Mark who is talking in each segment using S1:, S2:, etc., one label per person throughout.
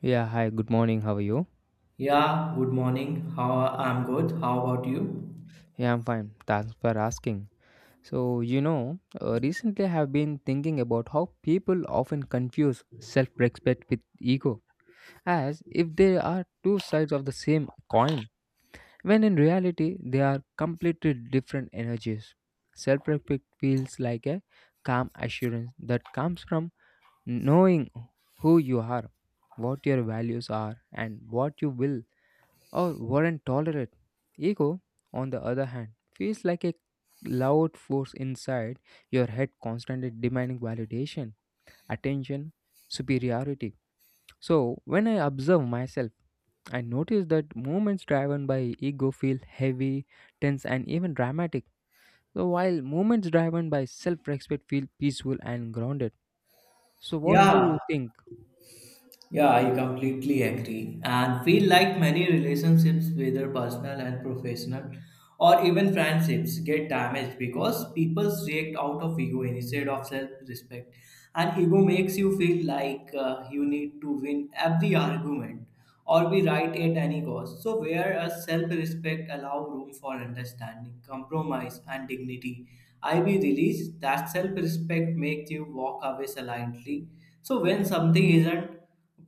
S1: Yeah, hi, good morning. How are you?
S2: Yeah, good morning. How I'm good. How about you?
S1: Yeah, I'm fine. Thanks for asking. Recently I have been thinking about how people often confuse self respect with ego, as if they are two sides of the same coin, when in reality they are completely different energies. Self respect feels like a calm assurance that comes from knowing who you are, what your values are, and what you will or weren't tolerated. Ego, on the other hand, feels like a loud force inside your head constantly demanding validation, attention, superiority. So, when I observe myself, I notice that movements driven by ego feel heavy, tense, and even dramatic. So, while movements driven by self respect feel peaceful and grounded. So, what you
S2: Yeah,
S1: think?
S2: Yeah, I completely agree. And feel like many relationships, whether personal and professional, or even friendships, get damaged because people react out of ego instead of self respect. And ego makes you feel like you need to win every argument or be right at any cost. So, whereas self respect allow room for understanding, compromise, and dignity, I be released that self respect makes you walk away silently. So, when something isn't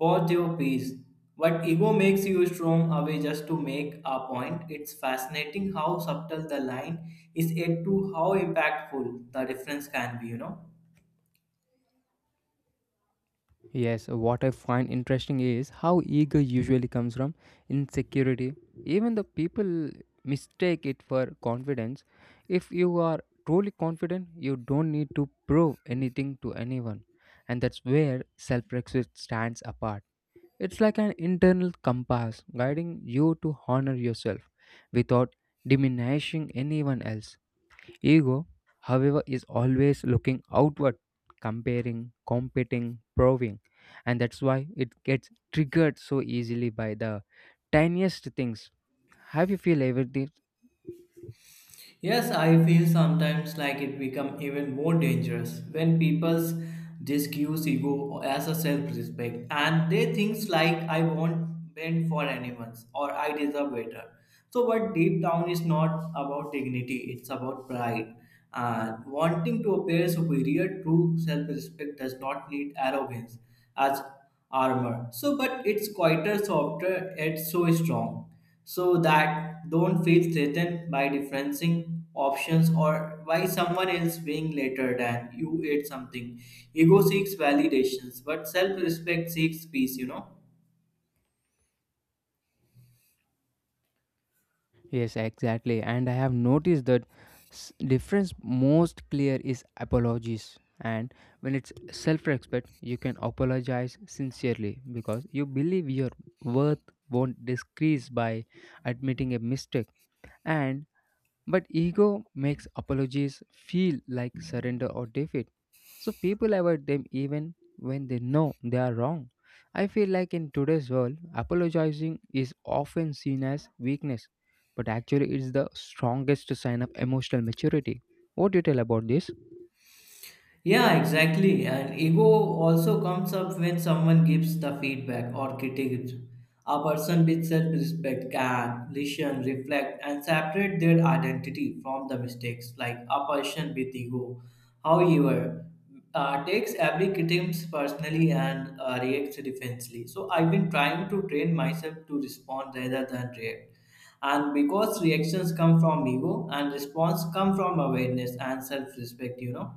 S2: Pause your peace. But ego makes you storm away just to make a point. It's fascinating how subtle the line is yet to how impactful the difference can be, you know.
S1: Yes, what I find interesting is how ego usually comes from insecurity. Even the people mistake it for confidence. If you are truly confident, you don't need to prove anything to anyone. And that's where self respect stands apart. It's like an internal compass guiding you to honor yourself without diminishing anyone else. Ego, however, is always looking outward, comparing, competing, proving, and that's why it gets triggered so easily by the tiniest things. Have you feel ever this?
S2: Yes, I feel sometimes like it become even more dangerous when people's discuss ego as a self-respect and they things like I won't bend for anyone or I deserve better. So but deep down is not about dignity, it's about pride. And wanting to appear superior, true self-respect does not need arrogance as armor. So but it's quieter, softer, yet so strong so that don't feel threatened by differencing options or why someone else being later than you ate something. Ego seeks validations, but self-respect seeks peace, you know.
S1: Yes, exactly. And I have noticed that difference most clear is apologies. And when it's self-respect, you can apologize sincerely because you believe your worth won't decrease by admitting a mistake. And but ego makes apologies feel like surrender or defeat. So people avoid them even when they know they are wrong. I feel like in today's world, apologizing is often seen as weakness, but actually it's the strongest sign of emotional maturity. What do you tell about this?
S2: Yeah, exactly. And ego also comes up when someone gives the feedback or critiques. A person with self respect can listen, reflect, and separate their identity from the mistakes, like a person with ego. However, takes every critique personally and reacts defensively. So, I've been trying to train myself to respond rather than react. And because reactions come from ego and response come from awareness and self respect, you know.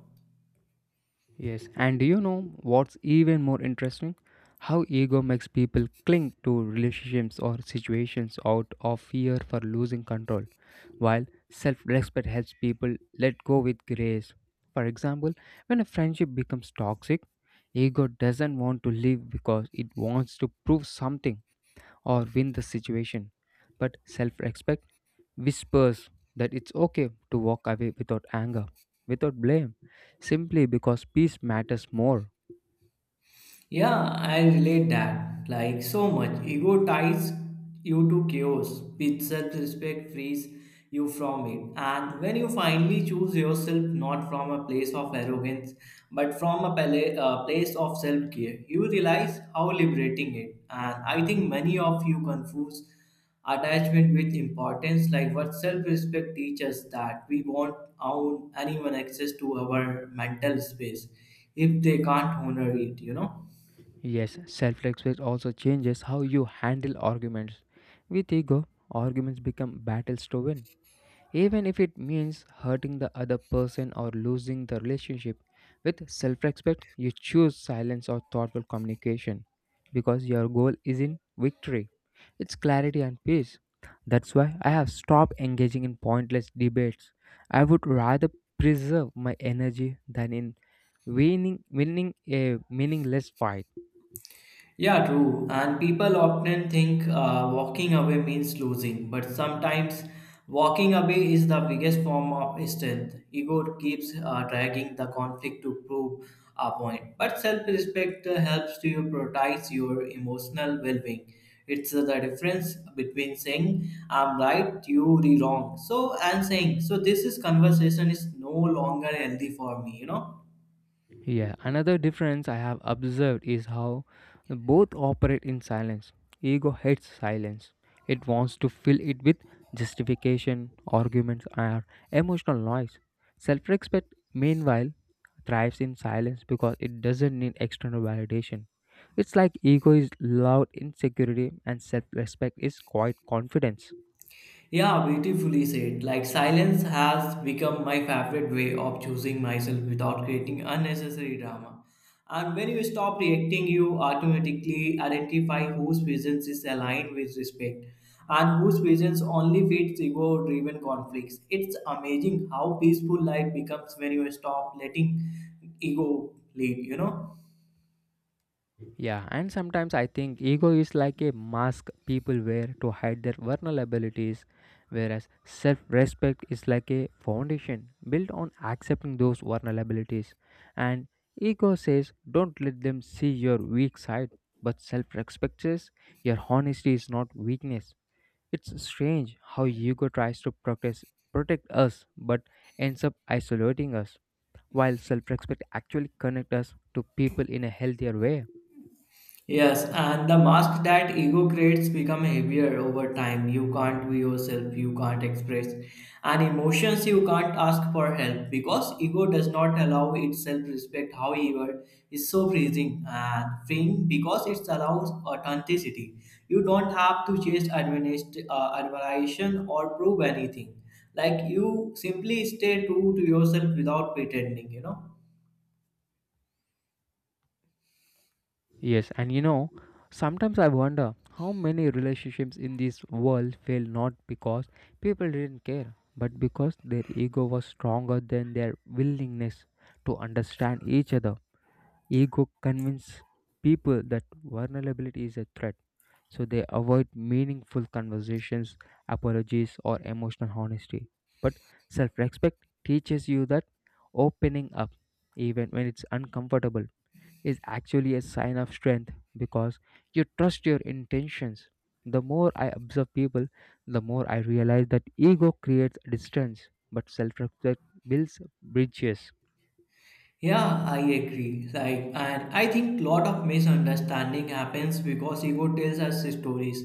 S1: Yes, and do you know what's even more interesting? How ego makes people cling to relationships or situations out of fear for losing control, while self respect helps people let go with grace. For example, when a friendship becomes toxic, ego doesn't want to leave because it wants to prove something or win the situation, but self respect whispers that it's okay to walk away without anger, without blame, simply because peace matters more.
S2: Yeah, I relate that. Like so much. Ego ties you to chaos, which self respect frees you from it. And when you finally choose yourself not from a place of arrogance but from a place of self care, you realize how liberating it. And I think many of you confuse attachment with importance, like what self respect teaches that we won't own anyone access to our mental space if they can't honor it, you know.
S1: Yes, self respect also changes how you handle arguments. With ego, arguments become battles to win even if it means hurting the other person or losing the relationship. With self respect, you choose silence or thoughtful communication because your goal isn't victory, it's clarity and peace. That's why I have stopped engaging in pointless debates. I would rather preserve my energy than in winning a meaningless fight.
S2: Yeah, true. And people often think walking away means losing, but sometimes walking away is the biggest form of strength. Ego keeps dragging the conflict to prove a point, but self respect helps to you prioritize your emotional well being. It's the difference between saying I'm right, you are wrong, so and saying so. This is conversation is no longer healthy for me, you know.
S1: Yeah, another difference I have observed is how both operate in silence. Ego hates silence, it wants to fill it with justification, arguments, or emotional noise. Self respect, meanwhile, thrives in silence because it doesn't need external validation. It's like ego is loud insecurity and self respect is quiet confidence.
S2: Yeah, beautifully said. Like silence has become my favorite way of choosing myself without creating unnecessary drama. And when you stop reacting, you automatically identify whose visions is aligned with respect and whose visions only feeds ego-driven conflicts. It's amazing how peaceful life becomes when you stop letting ego lead, you know?
S1: Yeah, and sometimes I think ego is like a mask people wear to hide their vulnerabilities, whereas self respect is like a foundation built on accepting those vulnerabilities. And ego says, don't let them see your weak side, but self respect says, your honesty is not weakness. It's strange how ego tries to protect us but ends up isolating us, while self respect actually connects us to people in a healthier way.
S2: Yes, and the mask that ego creates become heavier over time. You can't be yourself, you can't express and emotions, you can't ask for help because ego does not allow its self-respect, however, it's so freezing and freeing because it allows authenticity. You don't have to chase admiration or prove anything. Like you simply stay true to yourself without pretending, you know.
S1: Yes, and you know, sometimes I wonder how many relationships in this world fail not because people didn't care, but because their ego was stronger than their willingness to understand each other. Ego convinces people that vulnerability is a threat, so they avoid meaningful conversations, apologies, or emotional honesty. But self respect teaches you that opening up, even when it's uncomfortable, is actually a sign of strength because you trust your intentions. The more I observe people, the more I realize that ego creates distance, but self respect builds bridges.
S2: Yeah, I agree. Like, and I think lot of misunderstanding happens because ego tells us stories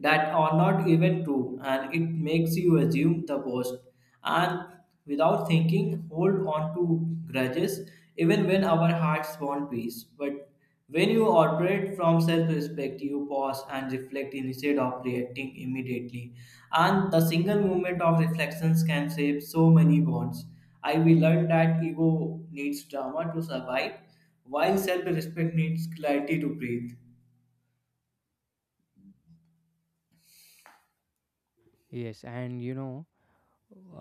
S2: that are not even true, and it makes you assume the worst. And without thinking, hold on to grudges, even when our hearts want peace. But when you operate from self-respect, you pause and reflect instead of reacting immediately. And the single moment of reflections can save so many bonds. I will learn that ego needs drama to survive, while self-respect needs clarity to breathe.
S1: Yes, and you know,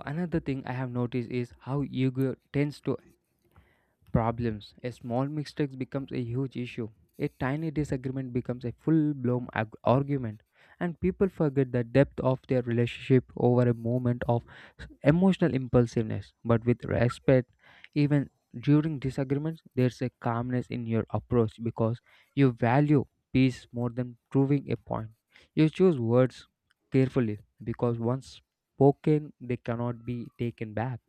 S1: another thing I have noticed is how ego tends to problems. A small mistake becomes a huge issue. A tiny disagreement becomes a full blown argument. And people forget the depth of their relationship over a moment of emotional impulsiveness. But with respect, even during disagreements, there's a calmness in your approach because you value peace more than proving a point. You choose words carefully because once spoken, they cannot be taken back.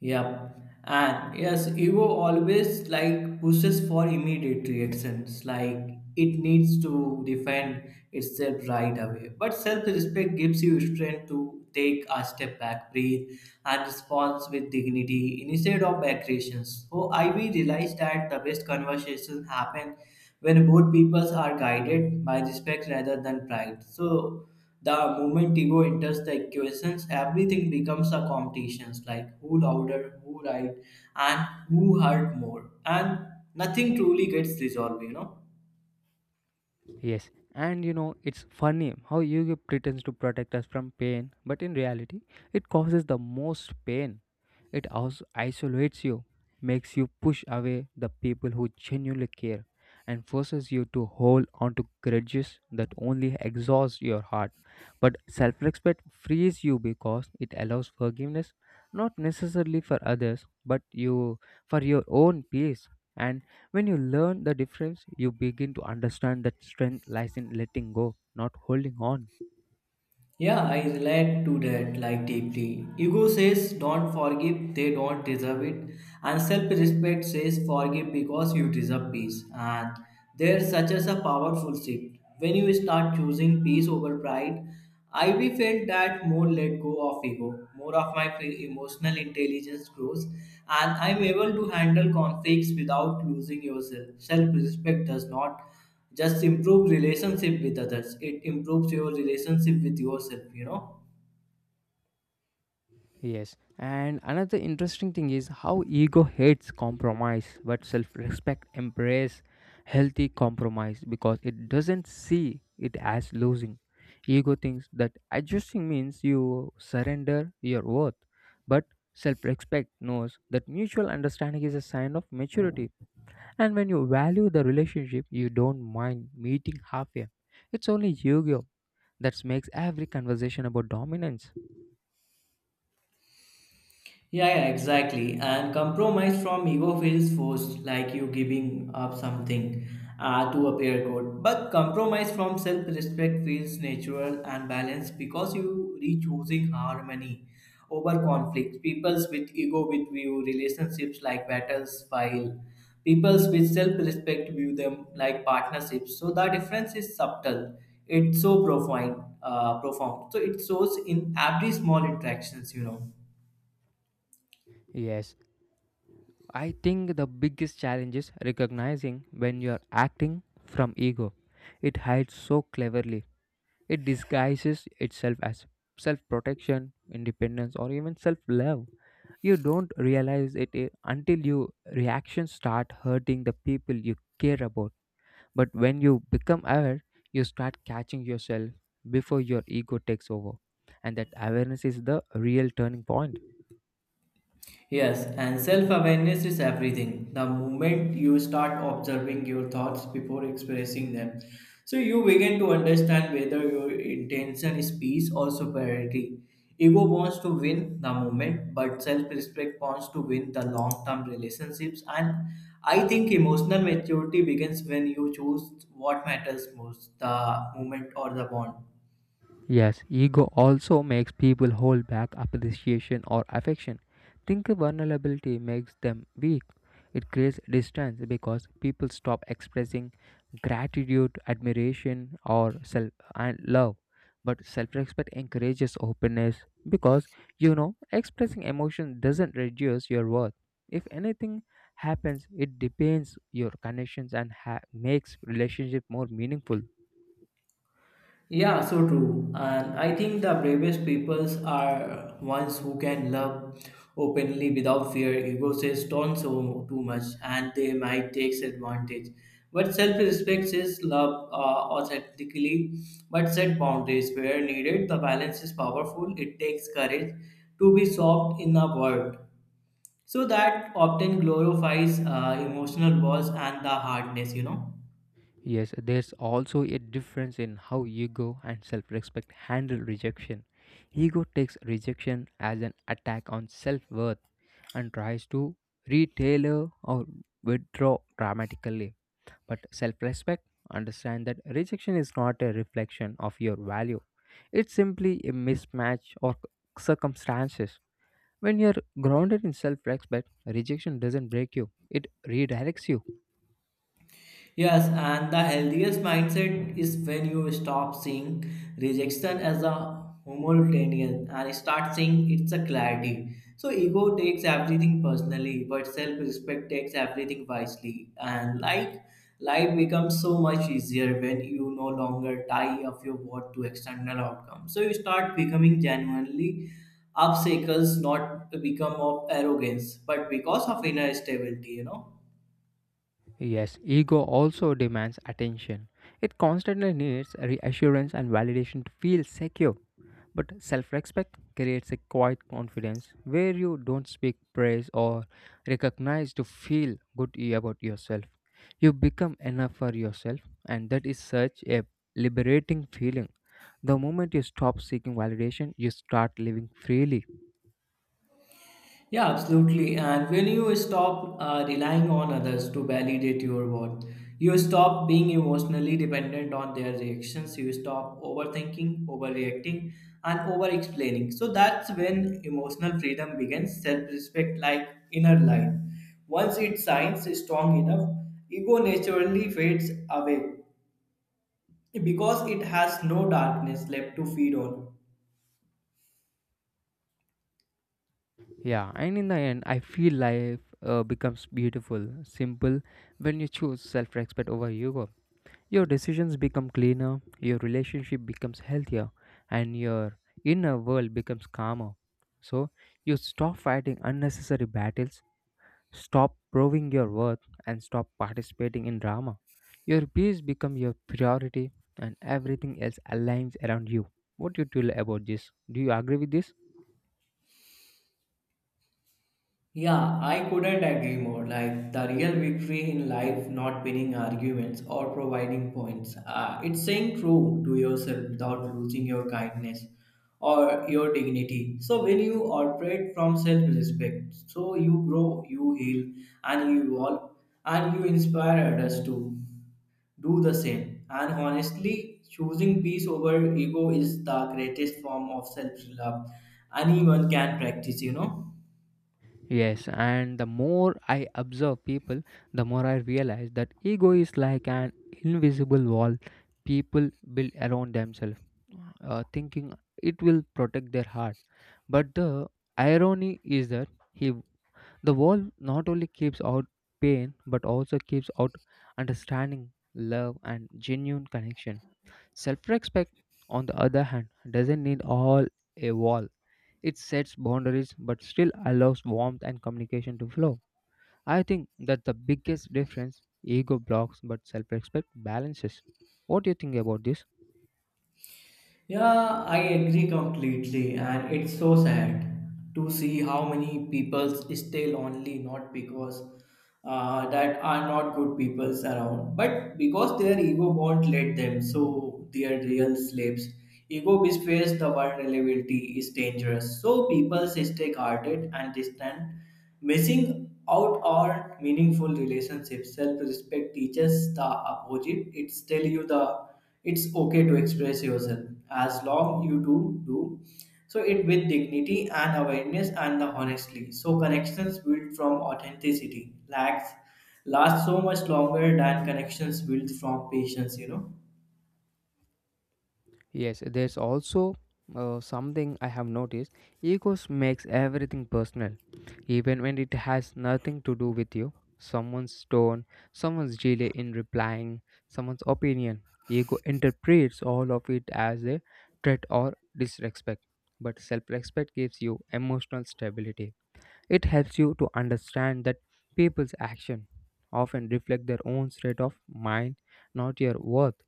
S2: Yep. And yes, ego always like pushes for immediate reactions, like it needs to defend itself right away. But self-respect gives you strength to take a step back, breathe, and respond with dignity instead of aggressions. So I we realized that the best conversations happen when both peoples are guided by respect rather than pride. So the moment ego enters the equations, everything becomes a competition like who louder, who right, and who hurt more. And nothing truly gets resolved, you know.
S1: Yes, and you know, it's funny how Yu-Gi-Oh pretends to protect us from pain, but in reality, it causes the most pain. It also isolates you, makes you push away the people who genuinely care, and forces you to hold on to grudges that only exhaust your heart. But self-respect frees you because it allows forgiveness, not necessarily for others, but you for your own peace. And when you learn the difference, you begin to understand that strength lies in letting go, not holding on.
S2: Yeah, I relate to that like deeply. Ego says don't forgive, they don't deserve it. And self-respect says forgive because you deserve peace. And there's such as a powerful shift. When you start choosing peace over pride, I we felt that more let go of ego, more of my emotional intelligence grows, and I'm able to handle conflicts without losing yourself. Self-respect does not just improve relationship with others it improves your relationship with yourself you know
S1: Yes, and another interesting thing is how ego hates compromise, but self respect embraces healthy compromise because it doesn't see it as losing. Ego thinks that adjusting means you surrender your worth, but self respect knows that mutual understanding is a sign of maturity. And when you value the relationship, you don't mind meeting halfway. It's only yu that makes every conversation about dominance.
S2: Yeah, exactly. And compromise from ego feels forced, like you giving up something to appear good. But compromise from self respect feels natural and balanced because you re-choosing harmony over conflict. Peoples with ego with view relationships like battles, while peoples with self respect view them like partnerships. So the difference is subtle. It's so profound, profound. So it shows in every small interactions, you know.
S1: Yes, I think the biggest challenge is recognizing when you are acting from ego. It hides so cleverly. It disguises itself as self protection, independence, or even self love. You don't realize it until your reactions start hurting the people you care about. But when you become aware, you start catching yourself before your ego takes over. And that awareness is the real turning point.
S2: Yes, and self awareness is everything. The moment you start observing your thoughts before expressing them, so you begin to understand whether your intention is peace or superiority. Ego wants to win the moment, but self respect wants to win the long term relationships. And I think emotional maturity begins when you choose what matters most the moment or the bond.
S1: Yes, ego also makes people hold back appreciation or affection. Think vulnerability makes them weak. It creates distance because people stop expressing gratitude, admiration, or self and love. But self-respect encourages openness because you know expressing emotion doesn't reduce your worth. If anything happens, it deepens your connections and makes relationship more meaningful.
S2: Yeah, so true. And I think the bravest peoples are ones who can love openly without fear. Ego says don't so too much, and they might takes advantage. But self-respect says love authentically, but set boundaries where needed. The balance is powerful. It takes courage to be soft in a world. So that often glorifies emotional walls and the hardness, you know.
S1: Yes, there's also a difference in how ego and self respect handle rejection. Ego takes rejection as an attack on self worth and tries to retailer or withdraw dramatically. But self respect understands that rejection is not a reflection of your value, it's simply a mismatch or circumstances. When you're grounded in self respect, rejection doesn't break you, it redirects you.
S2: Yes, and the healthiest mindset is when you stop seeing rejection as a homogeneous and start seeing it's a clarity. So ego takes everything personally, but self-respect takes everything wisely. And like life becomes so much easier when you no longer tie up your worth to external outcomes. So you start becoming genuinely obstacles, not become of arrogance, but because of inner stability, you know.
S1: Yes, ego also demands attention. It constantly needs reassurance and validation to feel secure. But self respect creates a quiet confidence where you don't speak praise or recognize to feel good about yourself. You become enough for yourself, and that is such a liberating feeling. The moment you stop seeking validation, you start living freely.
S2: Yeah, absolutely. And when you stop relying on others to validate your worth, you stop being emotionally dependent on their reactions. You stop overthinking, overreacting, and over explaining. So that's when emotional freedom begins, self respect like inner light. Once it shines strong enough, ego naturally fades away because it has no darkness left to feed on.
S1: Yeah, and in the end, I feel life becomes beautiful, simple when you choose self respect over ego. Your decisions become cleaner, your relationship becomes healthier, and your inner world becomes calmer. So, you stop fighting unnecessary battles, stop proving your worth, and stop participating in drama. Your peace becomes your priority, and everything else aligns around you. What do you feel about this? Do you agree with this?
S2: Yeah, I couldn't agree more. Like the real victory in life, not winning arguments or providing points. It's saying true to yourself without losing your kindness or your dignity. So when you operate from self-respect, so you grow, you heal, and you evolve, and you inspire others to do the same. And honestly, choosing peace over ego is the greatest form of self-love anyone can practice. You know.
S1: Yes, and the more I observe people, the more I realize that ego is like an invisible wall people build around themselves, thinking it will protect their heart. But the irony is that the wall not only keeps out pain but also keeps out understanding, love, and genuine connection. Self respect, on the other hand, doesn't need all a wall. It sets boundaries but still allows warmth and communication to flow. I think that the biggest difference ego blocks but self respect balances. What do you think about this?
S2: Yeah, I agree completely, and it's so sad to see how many people stay lonely not because that are not good people around, but because their ego won't let them. So their real slaves. Ego betrays the vulnerability is dangerous. So people stay guarded and distant Missing out on meaningful relationships, self-respect teaches the opposite. It's tell you the it's okay to express yourself as long you do so it with dignity and awareness and the honestly. So connections built from authenticity lacks last so much longer than connections built from patience. You know.
S1: Yes, there's also something I have noticed. Egos makes everything personal, even when it has nothing to do with you. Someone's tone, someone's delay in replying, someone's opinion. Ego interprets all of it as a threat or disrespect. But self respect gives you emotional stability. It helps you to understand that people's actions often reflect their own state of mind, not your worth.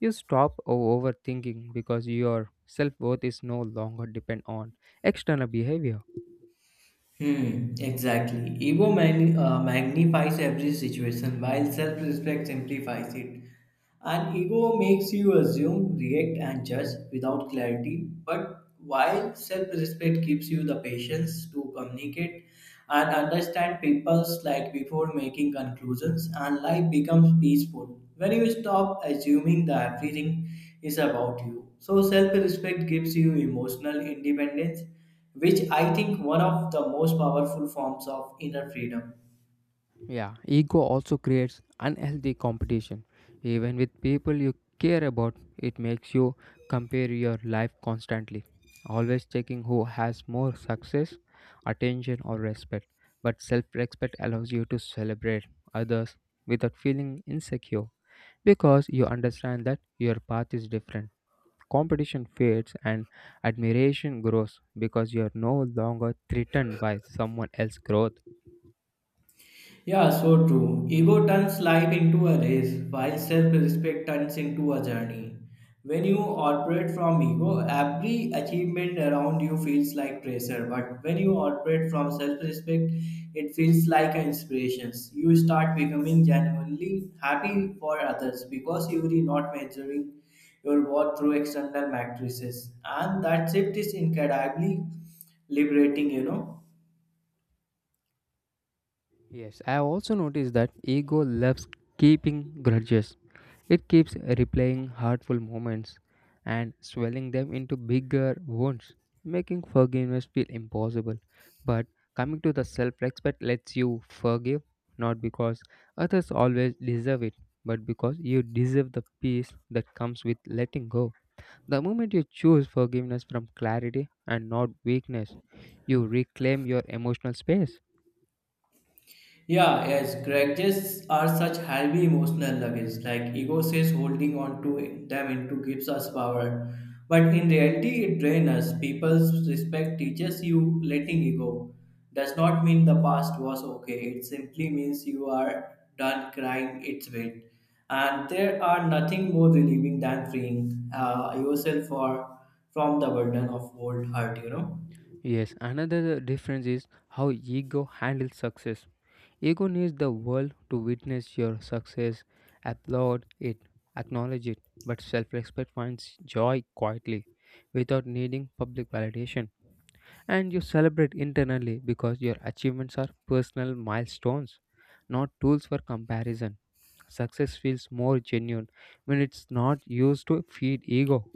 S1: You stop overthinking because your self worth is no longer depend on external behavior.
S2: Hmm, exactly. Magnifies every situation while self respect simplifies it. And ego makes you assume, react, and judge without clarity, but while self respect gives you the patience to communicate and understand people's like before making conclusions, and life becomes peaceful when you stop assuming that everything is about you. So, self respect gives you emotional independence, which I think one of the most powerful forms of inner freedom.
S1: Yeah, ego also creates unhealthy competition. Even with people you care about, it makes you compare your life constantly, always checking who has more success, attention, or respect. But self respect allows you to celebrate others without feeling insecure because you understand that your path is different. Competition fades and admiration grows because you are no longer threatened by someone else's growth.
S2: Yeah, so true. Ego turns life into a race, while self respect turns into a journey. When you operate from ego, every achievement around you feels like pressure. But when you operate from self respect, it feels like an inspiration. You start becoming genuinely happy for others because you are not measuring your worth through external matrices. And that shift is incredibly liberating, you know.
S1: Yes, I have also noticed that ego loves keeping grudges. It keeps replaying hurtful moments and swelling them into bigger wounds, making forgiveness feel impossible. But coming to the self respect lets you forgive not because others always deserve it, but because you deserve the peace that comes with letting go. The moment you choose forgiveness from clarity and not weakness, you reclaim your emotional space.
S2: Yeah, yes, grudges are such heavy emotional luggage, like ego says holding on to them into gives us power. But in reality, it drains us. People's respect teaches you letting ego does not mean the past was okay. It simply means you are done crying its weight. And there are nothing more relieving than freeing yourself for, from the burden of old hurt, you know.
S1: Yes, another difference is how ego handles success. Ego needs the world to witness your success, applaud it, acknowledge it, but self respect finds joy quietly without needing public validation. And you celebrate internally because your achievements are personal milestones, not tools for comparison. Success feels more genuine when it's not used to feed ego.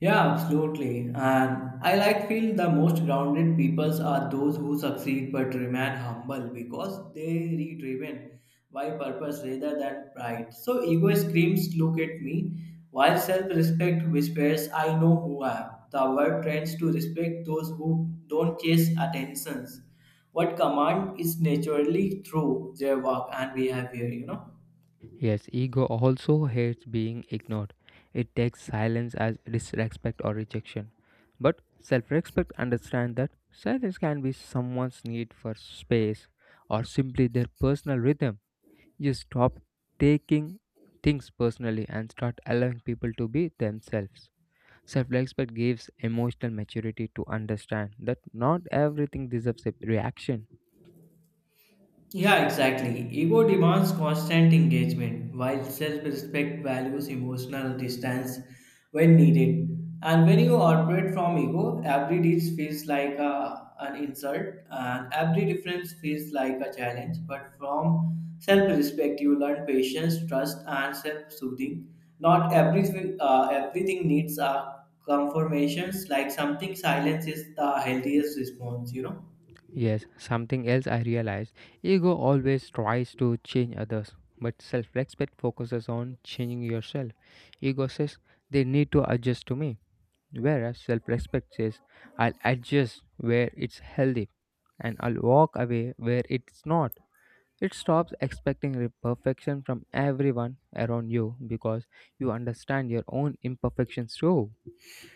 S2: Yeah, absolutely. And I like feel the most grounded peoples are those who succeed but remain humble because they are driven by purpose rather than pride. So ego screams look at me while self-respect whispers I know who I am. The world trends to respect those who don't chase attentions. What command is naturally through their work and behavior, you know?
S1: Yes, ego also hates being ignored. It takes silence as disrespect or rejection. But self respect understands that silence can be someone's need for space or simply their personal rhythm. You stop taking things personally and start allowing people to be themselves. Self respect gives emotional maturity to understand that not everything deserves a reaction.
S2: Yeah, exactly. Ego demands constant engagement, while self respect values emotional distance when needed. And when you operate from ego, every deed feels like an insult and every difference feels like a challenge. But from self respect, you learn patience, trust, and self soothing. Not everything, Everything needs a confirmations, like something silence is the healthiest response, you know.
S1: Yes, something else I realized ego always tries to change others, but self respect focuses on changing yourself. Ego says they need to adjust to me, whereas self respect says I'll adjust where it's healthy and I'll walk away where it's not. It stops expecting perfection from everyone around you because you understand your own imperfections too.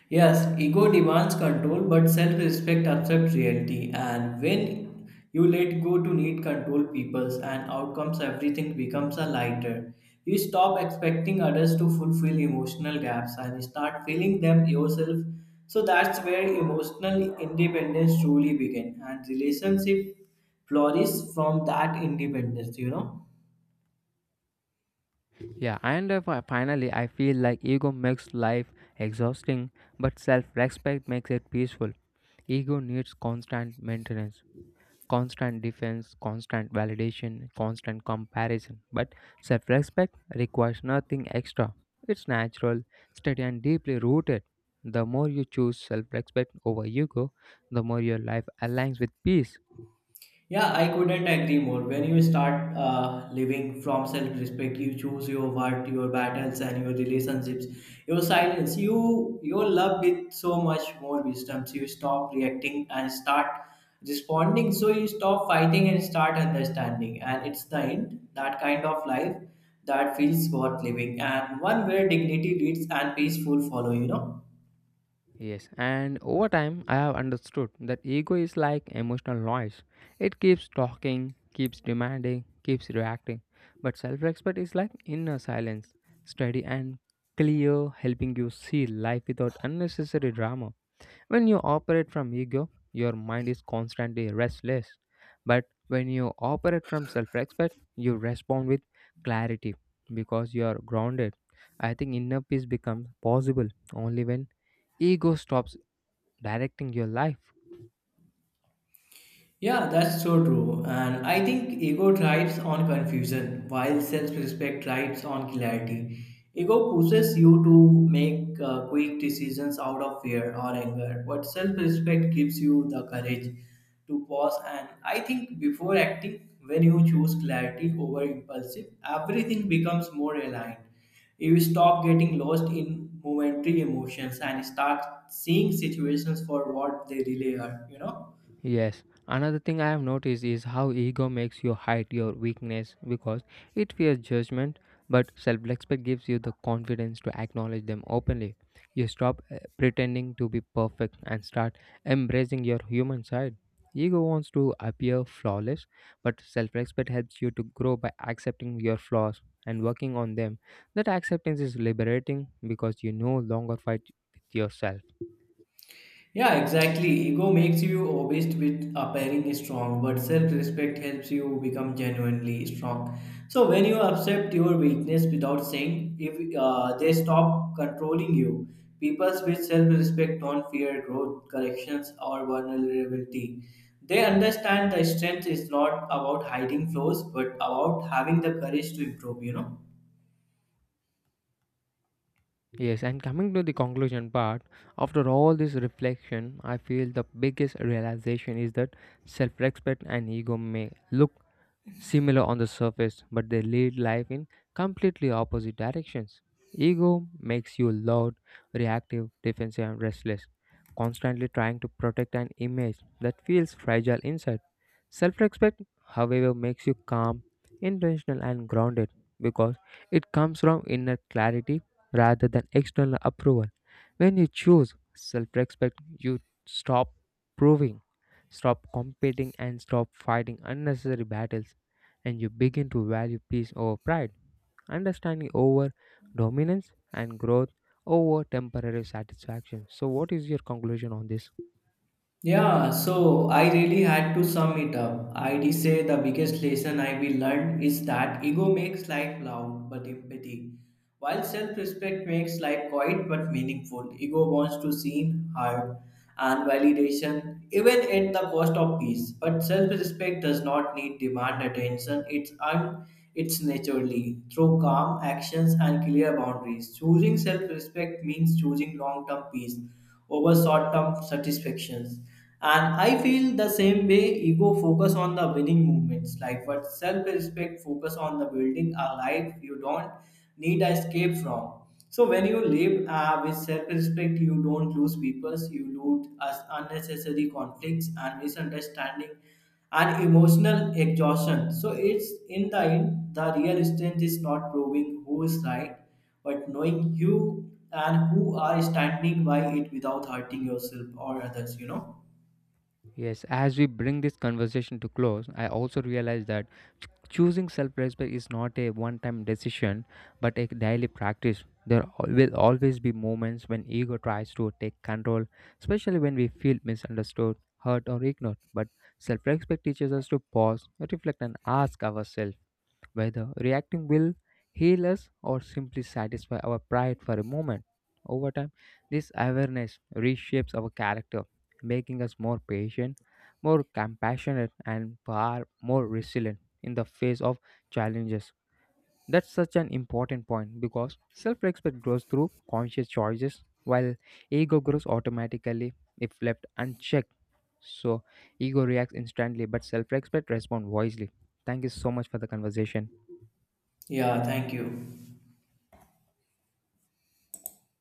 S2: Yes, ego demands control, but self respect accepts reality. And when you let go to need control people's and outcomes, everything becomes a lighter. You stop expecting others to fulfill emotional gaps and start filling them yourself. So that's where emotional independence truly begins, and relationship flourish from that independence, you know.
S1: Yeah, and finally, I feel like ego makes life exhausting, but self respect makes it peaceful. Ego needs constant maintenance, constant defense, constant validation, constant comparison. But self respect requires nothing extra. It's natural, steady, and deeply rooted. The more you choose self respect over ego, the more your life aligns with peace.
S2: Yeah, I couldn't agree more. When you start living from self respect, you choose your what, your battles, and your relationships, your silence. You your love with so much more wisdom. So you stop reacting and start responding. So you stop fighting and start understanding. And it's the end that kind of life that feels worth living, and one where dignity leads and peaceful follow. You know.
S1: Yes, and over time, I have understood that ego is like emotional noise. It keeps talking, keeps demanding, keeps reacting. But self respect is like inner silence, steady and clear, helping you see life without unnecessary drama. When you operate from ego, your mind is constantly restless. But when you operate from self respect, you respond with clarity because you are grounded. I think inner peace becomes possible only when ego stops directing your life.
S2: Yeah, that's so true. And I think ego thrives on confusion while self respect thrives on clarity. Ego pushes you to make quick decisions out of fear or anger, but self respect gives you the courage to pause. And I think before acting, when you choose clarity over impulsive, everything becomes more aligned. You stop getting lost in momentary emotions and start seeing situations for what they really are, you know?
S1: Yes, another thing I have noticed is how ego makes you hide your weakness because it fears judgment, but self respect gives you the confidence to acknowledge them openly. You stop pretending to be perfect and start embracing your human side. Ego wants to appear flawless, but self respect helps you to grow by accepting your flaws and working on them. That acceptance is liberating because you no longer fight with yourself.
S2: Yeah, exactly. Ego makes you obsessed with appearing strong, but self respect helps you become genuinely strong. So, when you accept your weakness without saying, if they stop controlling you, people with self respect don't fear growth, corrections, or vulnerability. They understand that strength is not about hiding flaws, but about having the courage to improve, you know.
S1: Yes, and coming to the conclusion part, after all this reflection, I feel the biggest realization is that self respect and ego may look similar on the surface, but they lead life in completely opposite directions. Ego makes you loud, reactive, defensive, and restless, constantly trying to protect an image that feels fragile inside. Self respect, however, makes you calm, intentional, and grounded because it comes from inner clarity rather than external approval. When you choose self respect, you stop proving, stop competing, and stop fighting unnecessary battles, and you begin to value peace over pride, understanding over dominance, and growth over temporary satisfaction. So, what is your conclusion on this?
S2: Yeah, so I really had to sum it up. I'd say the biggest lesson I will learn is that ego makes life loud but empty, while self-respect makes life quiet but meaningful. Ego wants to seen, heard, and validation, even at the cost of peace. But self-respect does not need demand attention. It's naturally through calm actions and clear boundaries. Choosing self-respect means choosing long-term peace over short term satisfactions. And I feel the same way ego focus on the winning movements, like what self respect focus on the building a life you don't need an escape from. So when you live with self respect, you don't lose people, you lose us unnecessary conflicts and misunderstanding and emotional exhaustion. So it's in the end, the real strength is not proving who is right, but knowing you and who are standing by it without hurting yourself or others, you know?
S1: Yes, as we bring this conversation to close, I also realize that choosing self-respect is not a one-time decision, but a daily practice. There will always be moments when ego tries to take control, especially when we feel misunderstood, hurt, or ignored. But self-respect teaches us to pause, reflect, and ask ourselves whether reacting will heal us or simply satisfy our pride for a moment. Over time, this awareness reshapes our character, making us more patient, more compassionate, and far more resilient in the face of challenges. That's such an important point because self respect grows through conscious choices while ego grows automatically if left unchecked. So, ego reacts instantly, but self respect responds wisely. Thank you so much for the conversation.
S2: Yeah, thank you.